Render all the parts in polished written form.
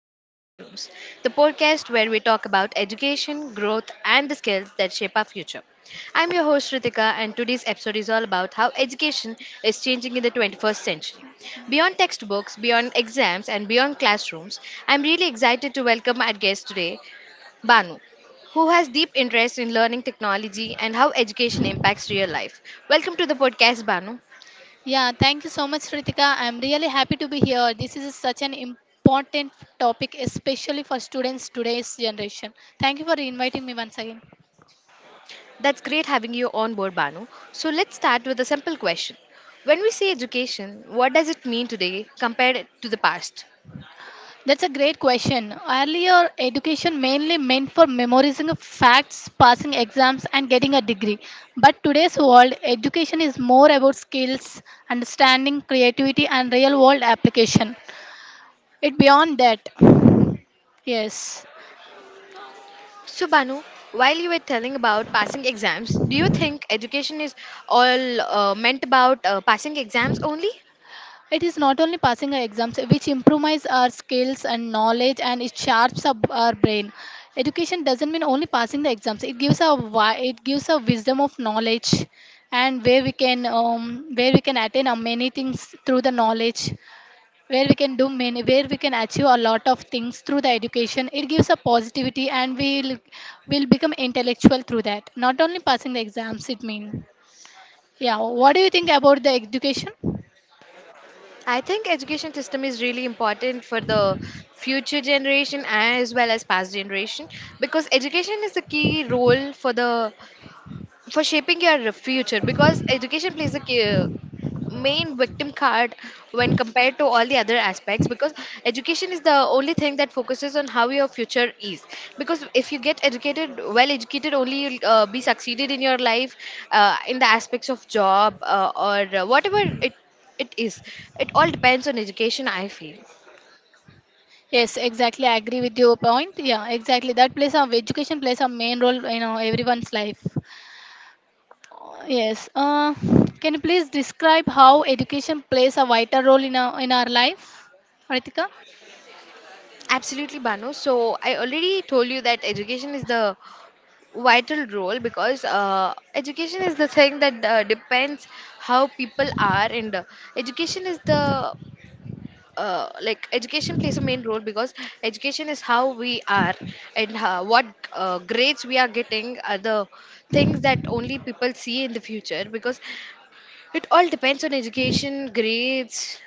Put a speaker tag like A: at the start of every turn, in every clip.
A: Beyond Classrooms, the podcast where we talk about education, growth, and the skills that shape our future. I'm your host, Ritika, and today's episode is all about how education is changing in the 21st century. Beyond textbooks, beyond exams, and beyond classrooms, I'm really excited to welcome our guest today, Banu. Who has deep interest in learning technology and how education impacts real life? Welcome to the podcast, Banu.
B: Yeah, thank you so much, Ritika. I'm really happy to be here. This is such an important topic, especially for students today's generation. Thank you for inviting me once again.
A: That's great having you on board, Banu. So let's start with a simple question. When we say education, what does it mean today compared to the past?
B: That's a great question. Earlier, education mainly meant for memorizing of facts, passing exams, and getting a degree. But today's world, education is more about skills, understanding, creativity, and real world application. It beyond that. Yes.
A: So, Banu, while you were telling about passing exams, do you think education is all meant about passing exams only?
B: It is not only passing our exams which improves our skills and knowledge and it sharps up our brain. Education doesn't mean only passing the exams. It gives a wisdom of knowledge and where we can attain many things through the knowledge, where we can achieve a lot of things through the education. It gives a positivity and we'll will become intellectual through that, not only passing the exams, it means. Yeah, what do you think about the education?
A: I think education system is really important for the future generation as well as past generation because education is the key role for the for shaping your future because education plays a key, main victim card when compared to all the other aspects, because education is the only thing that focuses on how your future is. Because if you get educated, well educated, only you'll be succeeded in your life, in the aspects of job, or whatever it is, it all depends on education, I feel.
B: Yes, exactly. I agree with your point. Yeah, exactly. That plays a education plays a main role in everyone's life. Yes. Can you please describe how education plays a vital role in our life, Ritika?
A: Absolutely, Banu. So I already told you that education is the vital role, because education is the thing that depends how people are, and education is the like education plays a main role, because education is how we are, and what grades we are getting are the things that only people see in the future, because it all depends on education grades,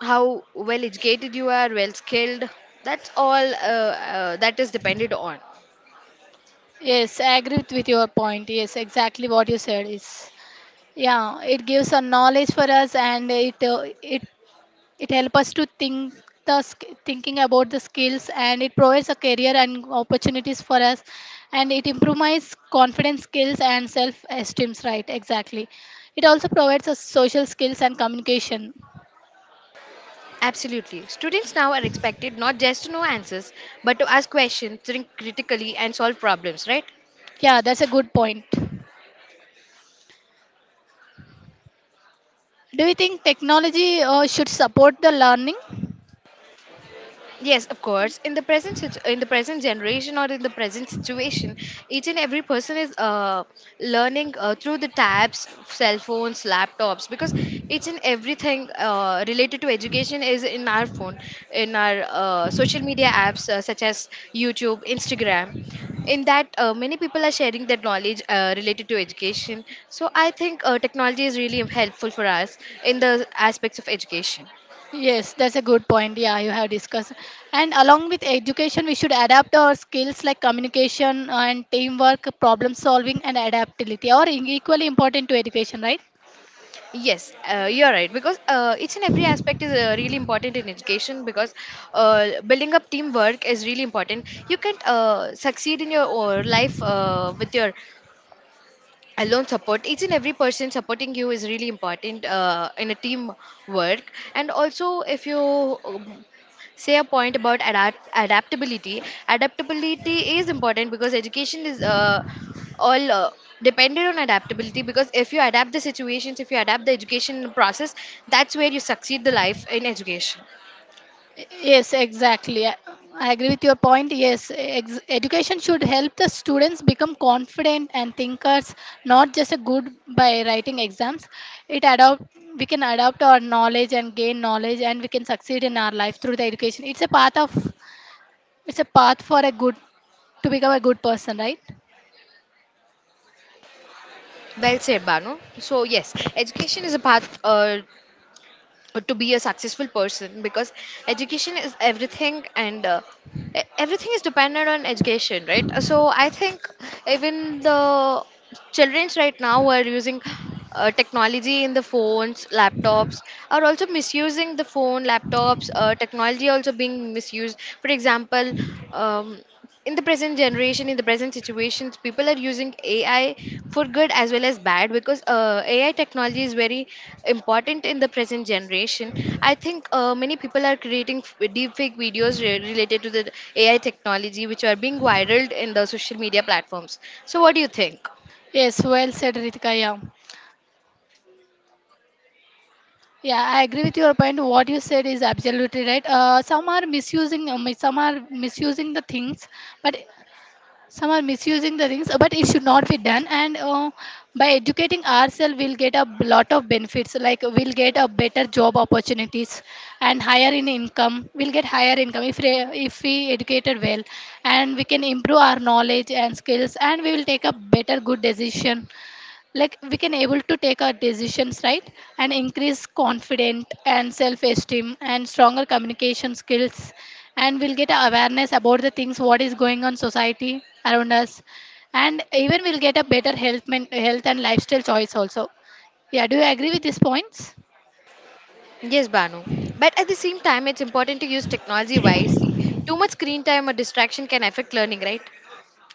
A: how well educated you are, well skilled, that's all that is depended on.
B: Yes, I agree with your point. Yes, exactly what you said is. Yeah, it gives a knowledge for us, and it helps us to think, thinking about the skills, and it provides a career and opportunities for us, and it improves confidence skills and self esteem, right? Exactly. It also provides us social skills and communication.
A: Absolutely, students now are expected not just to know answers but to ask questions, think critically, and solve problems, right?
B: Yeah, that's a good point. Do you think technology should support the learning?
A: Yes, of course. In the in the present generation or in the present situation, each and every person is learning through the tabs, cell phones, laptops, because each and everything related to education is in our phone, in our social media apps such as YouTube, Instagram. In that, many people are sharing their knowledge related to education. So I think technology is really helpful for us in the aspects of education.
B: Yes, that's a good point. Yeah, you have discussed. And along with education, we should adapt our skills like communication and teamwork, problem solving, and adaptability are equally important to education, right?
A: Yes, you're right, because each and every aspect is really important in education, because building up teamwork is really important. You can't succeed in your life with your alone support. Each and every person supporting you is really important in a team work and also, if you um, say a point about adaptability, adaptability is important because education is all dependent on adaptability, because if you adapt the situations, if you adapt the education process, that's where you succeed the life in education.
B: Yes, exactly. I agree with your point. Yes, education should help the students become confident and thinkers, not just a good by writing exams. It adopt We can adopt our knowledge and gain knowledge, and we can succeed in our life through the education. It's a path for a good, to become a good person, right?
A: Well said, Banu. So yes, education is a path to be a successful person, because education is everything, and everything is dependent on education, right? So I think even the childrens right now, who are using technology in the phones, laptops, are also misusing the phone, laptops. Technology also being misused, for example, um, in the present generation, in the present situations, people are using AI for good as well as bad, because AI technology is very important in the present generation. I think many people are creating deep fake videos related to the AI technology, which are being viral in the social media platforms. So what do you think?
B: Yes, well said, Ritika. Yeah, yeah, I agree with your point. What you said is absolutely right. Some are misusing, some are misusing the things, but some are misusing the rings, but it should not be done. And by educating ourselves, we'll get a lot of benefits, like we'll get a better job opportunities and higher in income. We'll get higher income if if we educated well, and we can improve our knowledge and skills, and we will take a better good decision, like we can able to take our decisions, right? And increase confident and self esteem, and stronger communication skills, and we'll get awareness about the things what is going on society around us. And even we'll get a better health and lifestyle choice also. Yeah, do you agree with these points?
A: Yes, Banu. But at the same time, it's important to use technology wisely. Too much screen time or distraction can affect learning, right?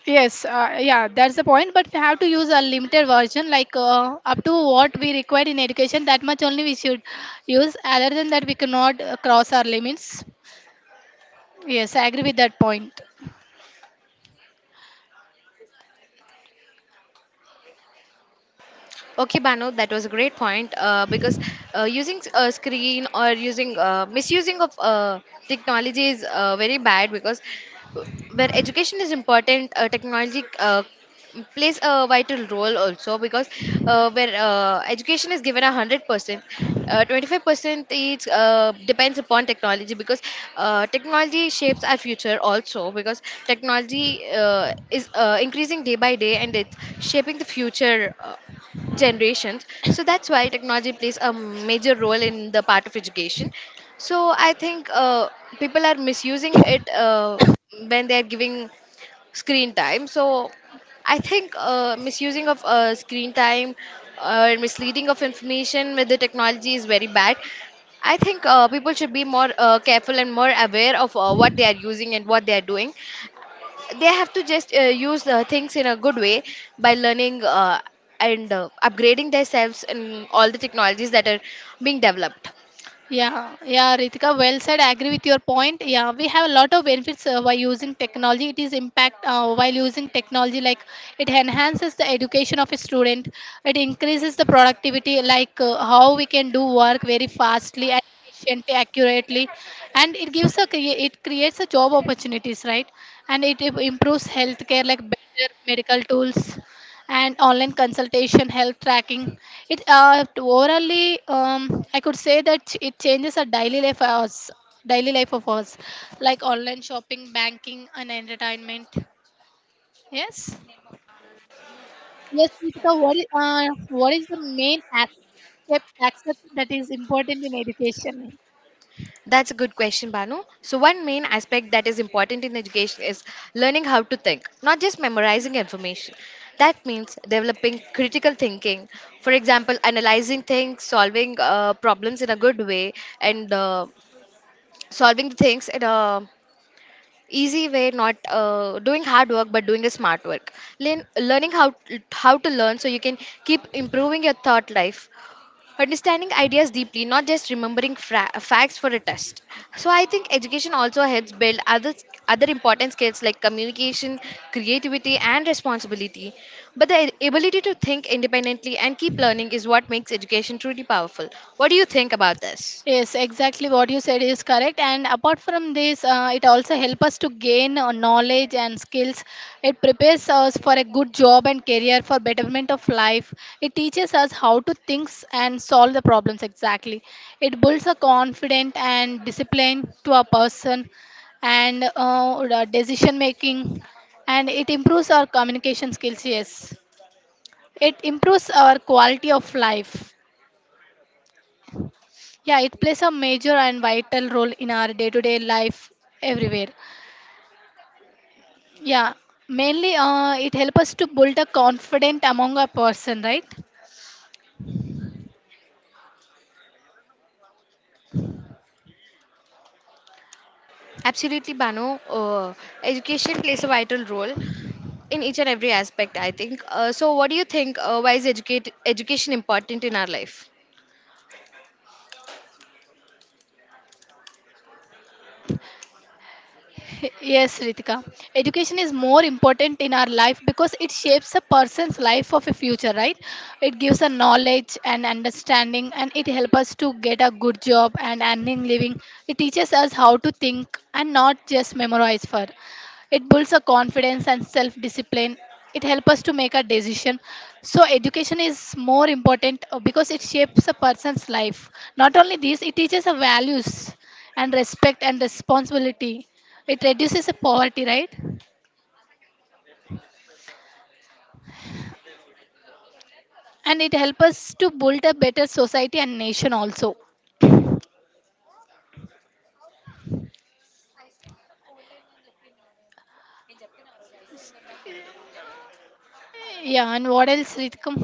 B: Yes, yeah, that's the point. But we have to use a limited version, like up to what we require in education. That much only we should use. Other than that, we cannot cross our limits. Yes, I agree with that point.
A: Okay, Bano, that was a great point. Because using a screen, or using misusing of technology is very bad. Because where education is important, technology plays a vital role also. Because where education is given 100%, 25% is depends upon technology. Because technology shapes our future also. Because technology is increasing day by day, and it's shaping the future generations. So that's why technology plays a major role in the part of education. So I think people are misusing it when they are giving screen time. So I think misusing of screen time or misleading of information with the technology is very bad. I think people should be more careful and more aware of what they are using and what they are doing. They have to just use things in a good way, by learning and upgrading themselves in all the technologies that are being developed.
B: Yeah, Ritika, well said. I agree with your point. Yeah, we have a lot of benefits by using technology. It is impact while using technology, like it enhances the education of a student. It increases the productivity, like how we can do work very fastly and efficiently, accurately, and it gives a it creates a job opportunities, right? And it improves healthcare, like better medical tools and online consultation, health tracking. It orally, I could say that it changes our daily life hours, daily life of ours, like online shopping, banking, and entertainment. Yes. Yes, Ritika, what is the main aspect that is important in education?
A: That's a good question, Banu. So one main aspect that is important in education is learning how to think, not just memorizing information. That means developing critical thinking, for example, analyzing things, solving problems in a good way, and solving the things in a easy way, not doing hard work but doing a smart work. Learning how to learn, so you can keep improving your thought life, understanding ideas deeply, not just remembering facts for a test. So I think education also helps build other other important skills like communication, creativity, and responsibility. But the ability to think independently and keep learning is what makes education truly powerful. What do you think about this?
B: Yes, exactly what you said is correct. And apart from this, it also helps us to gain knowledge and skills. It prepares us for a good job and career for betterment of life. It teaches us how to think and solve the problems exactly. It builds a confidence and discipline to a person, and the decision making. And it improves our communication skills. Yes, it improves our quality of life. Yeah, it plays a major and vital role in our day-to-day life everywhere. Yeah, mainly it helps us to build a confidence among a person, right?
A: Absolutely, Bano. Education plays a vital role in each and every aspect, I think. So, what do you think? Why is educate education important in our life?
B: Yes, Ritika. Education is more important in our life because it shapes a person's life of a future, right? It gives a knowledge and understanding, and it helps us to get a good job and earning living. It teaches us how to think and not just memorize for. It builds a confidence and self-discipline. It helps us to make a decision. So education is more important because it shapes a person's life. Not only this, it teaches a values and respect and responsibility. It reduces the poverty, right? And it helps us to build a better society and nation also. Yeah, and what else, Ritikam?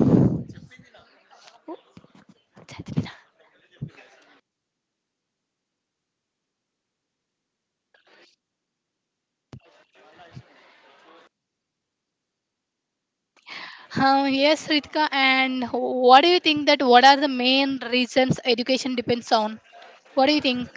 B: Yes, Ritika, and what do you think that what are the main reasons education depends on? What do you think?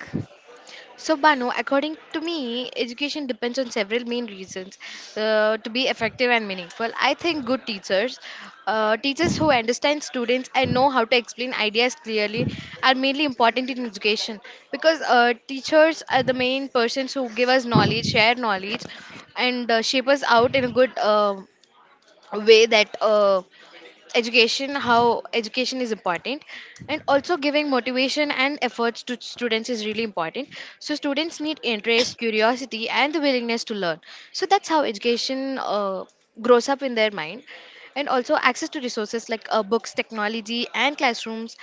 A: So, Banu, according to me, education depends on several main reasons to be effective and meaningful. I think good teachers, teachers who understand students and know how to explain ideas clearly, are mainly important in education, because teachers are the main persons who give us knowledge, share knowledge, and shape us out in a good way, that education, how education is important. And also, giving motivation and efforts to students is really important. So students need interest, curiosity, and the willingness to learn, so that's how education grows up in their mind. And also access to resources like books, technology, and classrooms,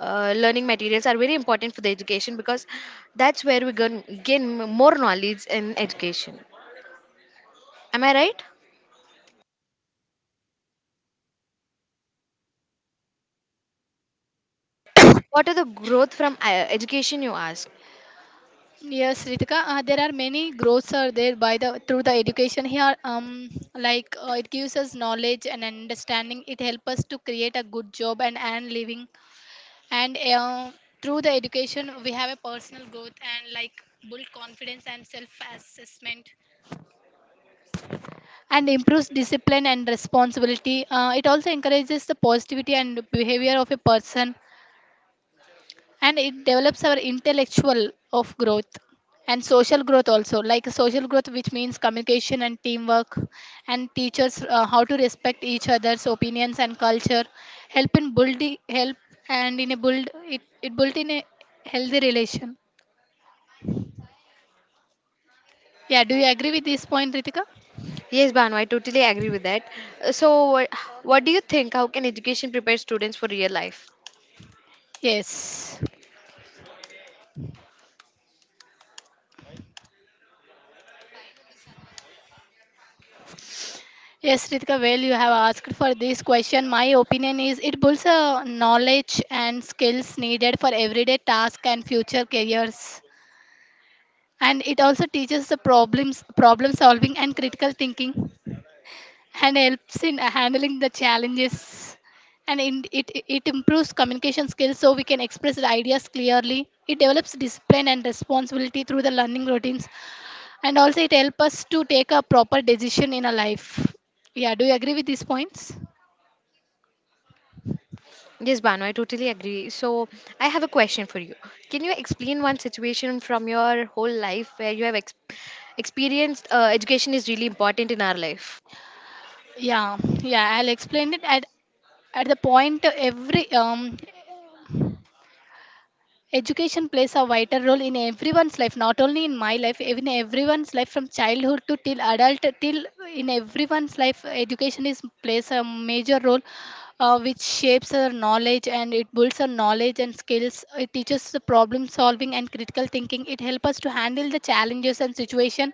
A: learning materials are very important for the education, because that's where we gain more knowledge in education. Am I right? What are the growth from education, you ask?
B: Yes, Ritika, there are many growths are there by the through the education here. Like it gives us knowledge and understanding. It helps us to create a good job and earn living. And through the education, we have a personal growth, and like build confidence and self assessment, and improves discipline and responsibility. It also encourages the positivity and behavior of a person, and it develops our intellectual of growth and social growth also, like social growth which means communication and teamwork, and teachers how to respect each other's opinions and culture, help in building help, and in a build it, it built in a healthy relation. Yeah, do you agree with this point, Ritika?
A: Yes, Banu, I totally agree with that. So, what do you think? How can education prepare students for real life?
B: Yes. Yes, Ritika, well, you have asked for this question. My opinion is it builds a knowledge and skills needed for everyday tasks and future careers. And it also teaches the problems, problem solving and critical thinking, and helps in handling the challenges. And it improves communication skills, so we can express the ideas clearly. It develops discipline and responsibility through the learning routines. And also it helps us to take a proper decision in our life. Yeah, do you agree with these points?
A: Yes, Banu, I totally agree. So, I have a question for you. Can you explain one situation from your whole life where you have experienced education is really important in our life?
B: Yeah, I'll explain it at the point. Every education plays a vital role in everyone's life, not only in my life, even everyone's life. From childhood to till adult till, in everyone's life, education is plays a major role, which shapes our knowledge, and it builds our knowledge and skills. It teaches the problem solving and critical thinking. It helps us to handle the challenges and situation.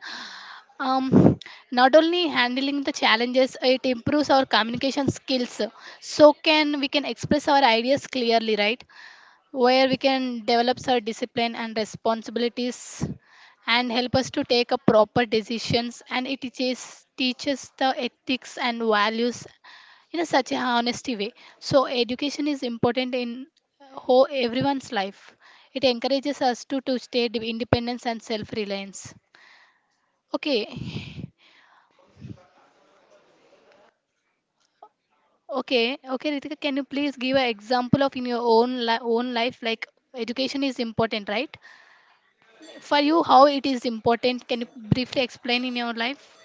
B: um, Not only handling the challenges, it improves our communication skills, so can we can express our ideas clearly, right? Where we can develop our discipline and responsibilities, and help us to take a proper decisions, and it teaches the ethics and values in a such a honesty way. So education is important in whole everyone's life. It encourages us to stay independence and self reliance. Okay. Okay, Ritika, can you please give an example of in your own life, like education is important, right? For you, how it is important? Can you briefly explain in your life?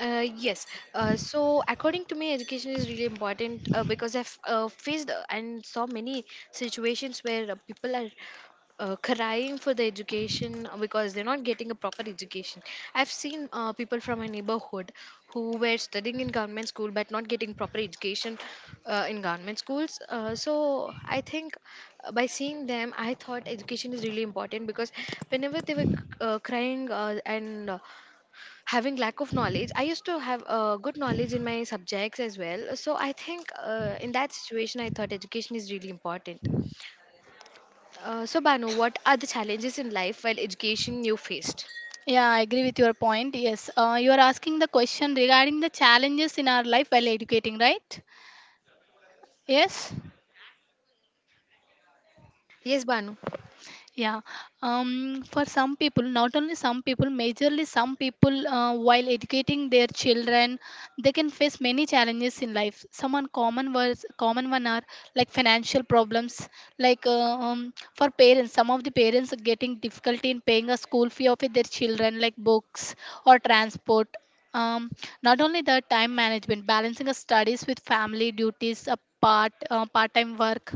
A: Yes. So, according to me, education is really important because I've faced and saw many situations where people are crying for the education because they're not getting a proper education. I've seen people from my neighborhood who were studying in government school but not getting proper education in government schools. So, I think by seeing them, I thought education is really important. Because whenever they were crying and having lack of knowledge, I used to have good knowledge in my subjects as well. So I think in that situation, I thought education is really important. So, Banu, what are the challenges in life while education you faced?
B: Yeah, I agree with your point. Yes, you are asking the question regarding the challenges in our life while educating, right? Yes.
A: Yes, Banu.
B: Yeah, for some people, not only some people, majorly some people, while educating their children, they can face many challenges in life. Some uncommon was common one are like financial problems, like for parents, some of the parents are getting difficulty in paying a school fee of their children, like books or transport. Um, Not only the time management, balancing a studies with family duties, a part-time work,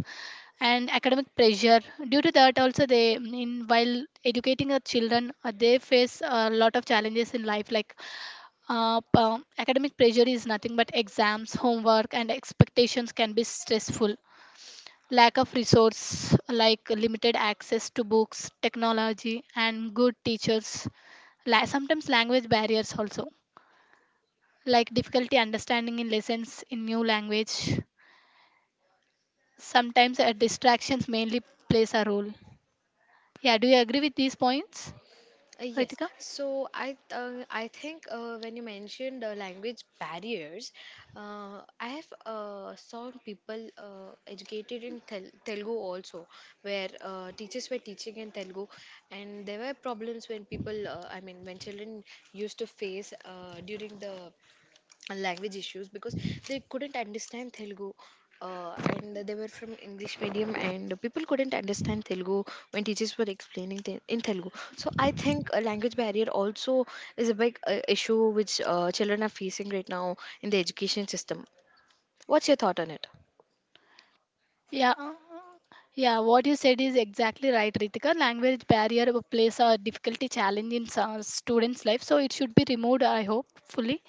B: and academic pressure. Due to that also, they in while educating our children, they face a lot of challenges in life, like academic pressure is nothing but exams, homework, and expectations can be stressful. Lack of resource, like limited access to books, technology, and good teachers. Sometimes language barriers also, like difficulty understanding in lessons in new language. Sometimes distractions mainly plays a role. Yeah, do you agree with these points,
A: Yes.
B: Ritika?
A: So I think when you mentioned language barriers, I have saw people educated in Telugu also, where teachers were teaching in Telugu, and there were problems when people, I mean, when children used to face during the language issues, because they couldn't understand Telugu. And they were from English medium, and people couldn't understand Telugu when teachers were explaining in Telugu. So I think a language barrier also is a big issue which children are facing right now in the education system. What's your thought on it?
B: Yeah. uh, Yeah, what you said is exactly right, Ritika. Language barrier plays a difficulty challenge in some students' life, so it should be removed, I hope, fully.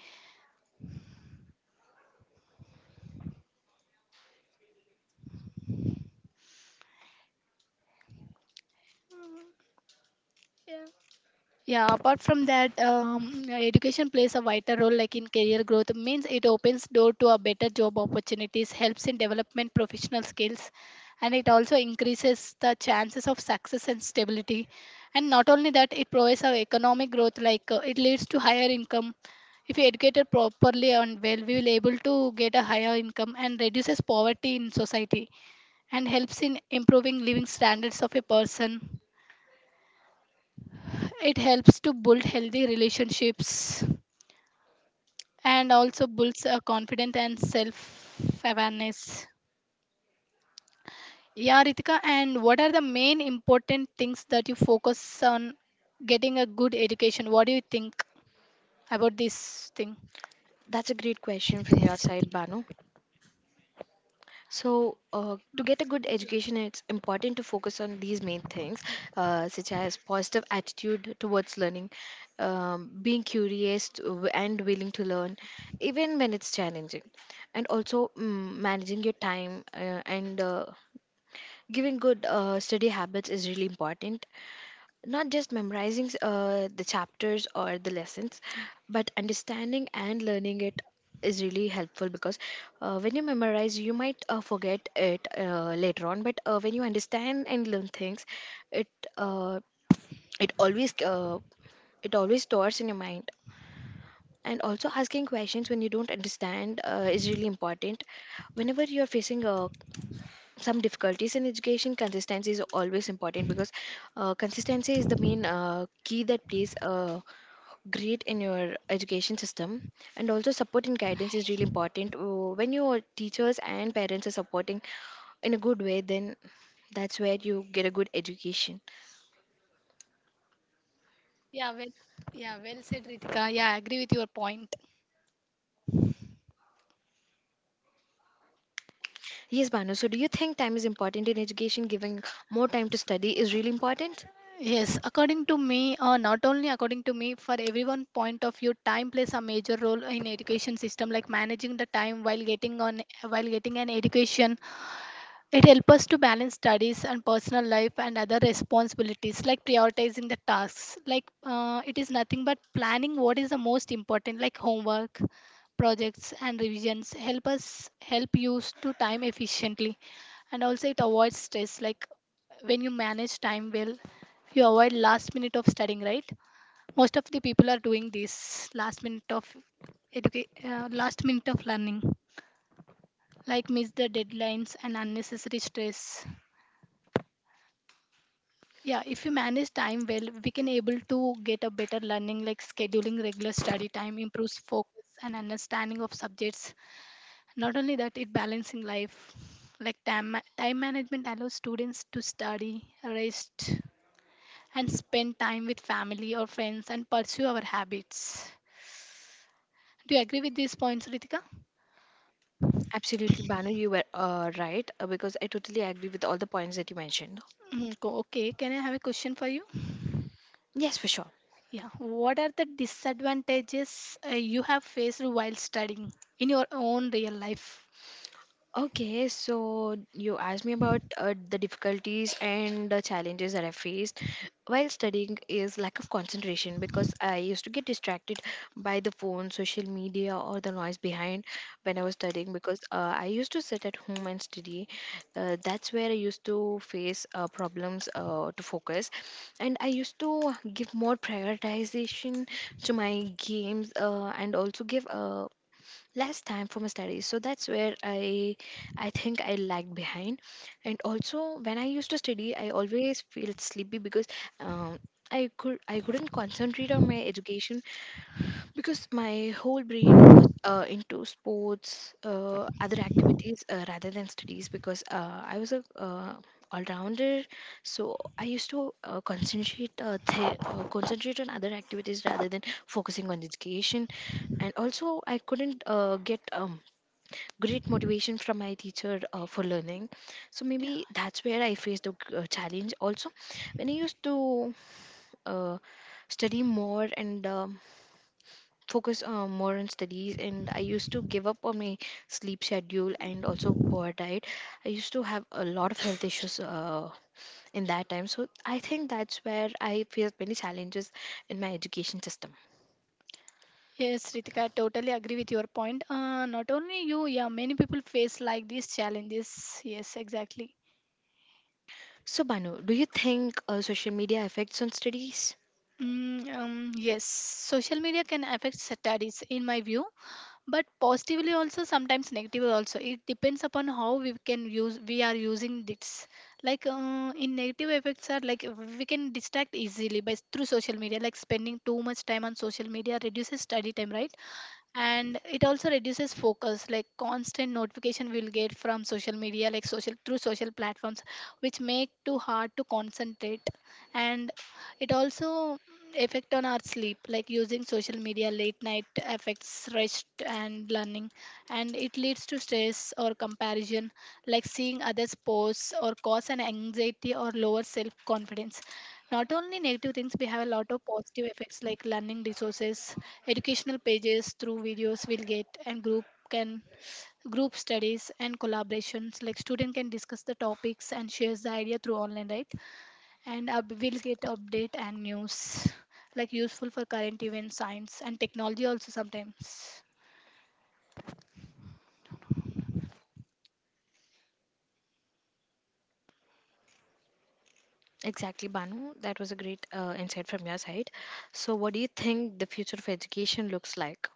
B: Yeah, apart from that, yeah, education plays a vital role like in career growth. Means it opens door to a better job opportunities, helps in development professional skills, and it also increases the chances of success and stability. And not only that, it provides our economic growth like it leads to higher income. If you educated properly and well, we will able to get a higher income and reduces poverty in society, and helps in improving living standards of a person, it helps to build healthy relationships, and also builds a confidence and self awareness. Yeah, Ritika, and what are the main important things that you focus on getting a good education? What do you think about this thing?
A: That's a great question from your side, Banu. So, to get a good education, it's important to focus on these main things, such as positive attitude towards learning, being curious and willing to learn, even when it's challenging, and also managing your time and giving good study habits is really important, not just memorizing the chapters or the lessons but understanding and learning it is really helpful, because when you memorize you might forget it later on, but when you understand and learn things, it uh, it always uh, it always stores in your mind. And also asking questions when you don't understand is really important. Whenever you're facing some difficulties in education, consistency is always important, because consistency is the main key that plays a great in your education system. And also support and guidance is really important. When your teachers and parents are supporting in a good way, then that's where you get a good education.
B: Yeah, well, yeah, well said, Ritika. Yeah, I agree with your point.
A: Yes, Banu, so do you think time is important in education? Giving more time to study is really important?
B: Yes, according to me, not only according to me, for everyone point of view, time plays a major role in education system, like managing the time while getting an education. It helps us to balance studies and personal life and other responsibilities, like prioritizing the tasks. It is nothing but planning what is the most important, like homework, projects, and revisions. Help us help use to time efficiently, and also it avoids stress, like when you manage time well, you avoid last minute of studying, right? Most of the people are doing this, last minute of last minute of learning, like miss the deadlines and unnecessary stress. Yeah, if we manage time well, we can able to get a better learning, like scheduling regular study time improves focus and understanding of subjects. Not only that, it balancing life, like time management allows students to study, rest, and spend time with family or friends, and pursue our habits. Do you agree with these points, Ritika?
A: Absolutely, Banu, you were right, because I totally agree with all the points that you mentioned.
B: Mhm. Okay, can I have a question for you?
A: Yes, for sure.
B: Yeah, what are the disadvantages you have faced while studying in your own real life?
A: Okay, so you asked me about the difficulties and the challenges that I faced while studying is lack of concentration, because I used to get distracted by the phone, social media, or the noise behind when I was studying, because I used to sit at home and study. That's where I used to face problems to focus, and I used to give more prioritization to my games and also give less time for my studies. So that's where I think I lagged behind. And also when I used to study I always felt sleepy because um, I couldn't concentrate on my education, because my whole brain was into sports, other activities, rather than studies, because I was a all-rounder. So I used to concentrate concentrate on other activities rather than focusing on education. And also I couldn't get great motivation from my teacher for learning. So
B: Yeah.
A: maybe that's where I faced a challenge also. When I used to uh, study more and focus more on studies, and I used to give up on my sleep schedule and also poor diet, I used to have a lot of health issues in that time. So I think that's where I faced many challenges in my education system.
B: Yes, Ritika, I totally agree with your point. Not only you, yeah, many people face like these challenges. Yes, exactly.
A: So, Banu, do you think social media affects on studies?
B: Yes, social media can affect studies, in my view. But positively, also sometimes negatively also, it depends upon how we can use, we are using this. In negative effects are like we can distract easily by through social media, like spending too much time on social media reduces study time, right? And it also reduces focus, like constant notification we'll get from social media, like social through social platforms, which make too hard to concentrate. And it also effect on our sleep, like using social media late night affects rest and learning. And it leads to stress or comparison, like seeing others posts or cause an anxiety or lower self confidence. Not only negative things, we have a lot of positive effects, like learning resources. Educational pages through videos will get, and group studies and collaborations, like student can discuss the topics and shares the idea through online, right? And we'll get update and news, like useful for current events, science and technology also sometimes.
A: Exactly, Banu. That was a great insight from your side. So, what do you think the future of education looks like?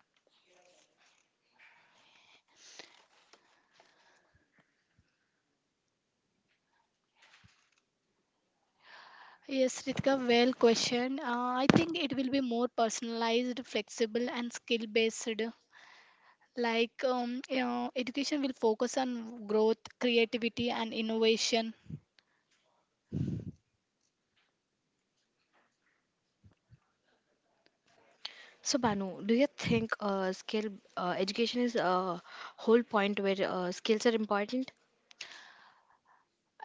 B: Yes, Ritika, well question. I think it will be more personalized, flexible, and skill based. Like, you know, education will focus on growth, creativity, and innovation.
A: So, Banu, do you think skill education is a whole point where skills are important?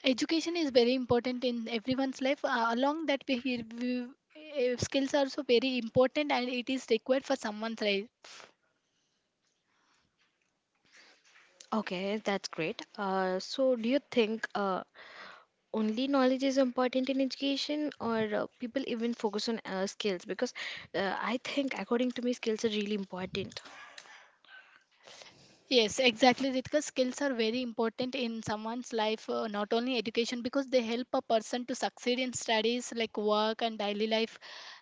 B: Education is very important in everyone's life, along that way skills are so very important and it is required for someone's life.
A: Okay, that's great. So, do you think only knowledge is important in education, or people even focus on skills? Because I think, according to me, skills are really important.
B: Yes, exactly, Ritika. Skills are very important in someone's life, not only education, because they help a person to succeed in studies, like work and daily life.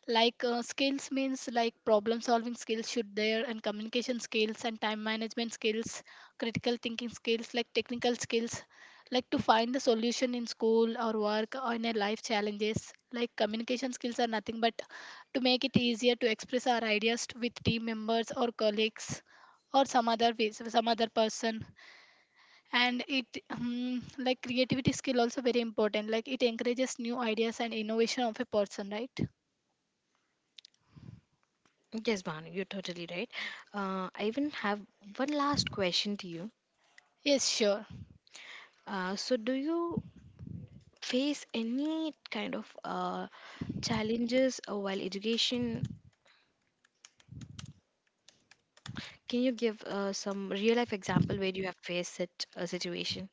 B: Skills means like problem solving skills should there, and communication skills and time management skills, critical thinking skills, like technical skills, like to find the solution in school or work or in a life challenges. Like communication skills are nothing but to make it easier to express our ideas with team members or colleagues, or some other ways, some other person. And it like creativity skill also very important, like it encourages new ideas and innovation of a person, right?
A: Yes, Banu, you're totally right. I even have one last question to you.
B: Yes, sure.
A: So, do you face any kind of challenges while education? Can you give some real life example where you have faced such a situation?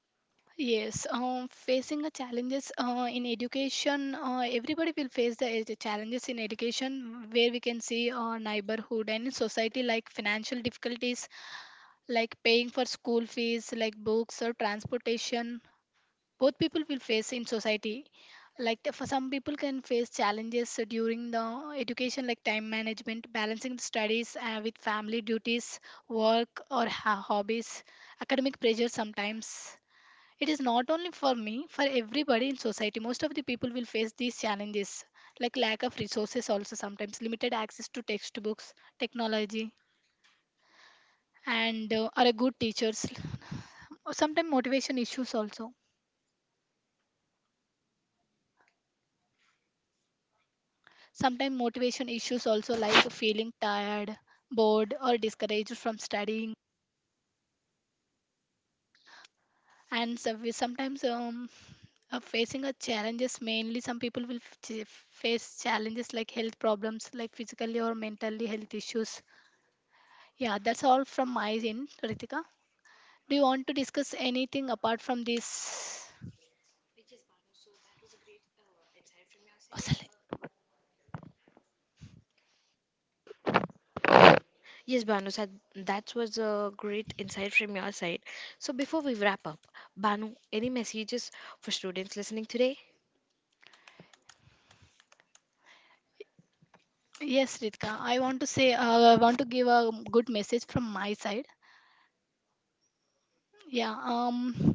B: Yes, facing the challenges in education, everybody will face the challenges in education, where we can see our neighborhood and in society, like financial difficulties, like paying for school fees, like books or transportation. Both people will face in society. For some people can face challenges during the education, like time management, balancing the studies with family duties, work or hobbies, academic pressure sometimes. It is not only for me, for everybody in society. Most of the people will face these challenges, like lack of resources, also sometimes limited access to textbooks, technology, and are a good teachers. Sometimes motivation issues also. Sometimes motivation issues also, like feeling tired, bored, or discouraged from studying. And so we sometimes are facing the challenges. Mainly, some people will face challenges like health problems, like physically or mentally health issues. Yeah, that's all from my end, Ritika. Do you want to discuss anything apart from this? Asale.
A: Yes, Banu, sir, that was a great insight from your side. So, before we wrap up, Banu, any messages for students listening today?
B: Yes, Ritika. I want to say, I want to give a good message from my side. Yeah,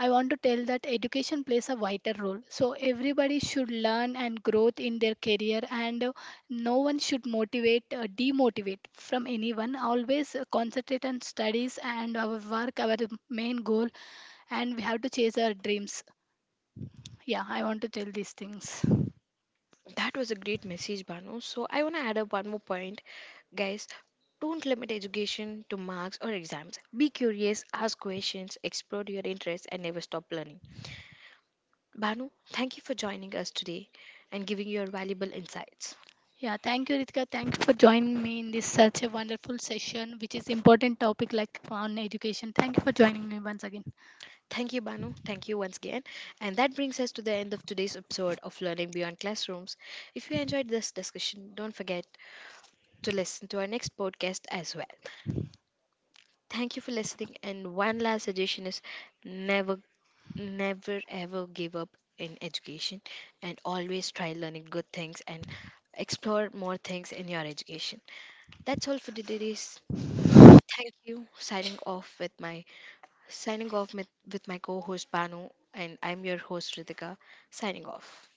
B: I want to tell that education plays a vital role. So everybody should learn and growth in their career, and no one should motivate, demotivate from anyone. Always concentrate on studies and our work, our main goal, and we have to chase our dreams. Yeah, I want to tell these things.
A: That was a great message, Banu. So, I want to add up one more point, guys. Don't limit education to marks or exams. Be curious, ask questions, explore your interests, and never stop learning. Banu, thank you for joining us today and giving your valuable insights.
B: Yeah, thank you, Ritika. Thank you for joining me in this such a wonderful session, which is important topic like on education. Thank you for joining me once again.
A: Thank you, Banu. Thank you once again. And that brings us to the end of today's episode of Learning Beyond Classrooms. If you enjoyed this discussion, don't forget to listen to our next podcast as well. Thank you for listening. And one last suggestion is never, never, ever give up in education, and always try learning good things and explore more things in your education. That's all for today's. Thank you. Signing off with my co host Banu, and I'm your host Ritika, signing off.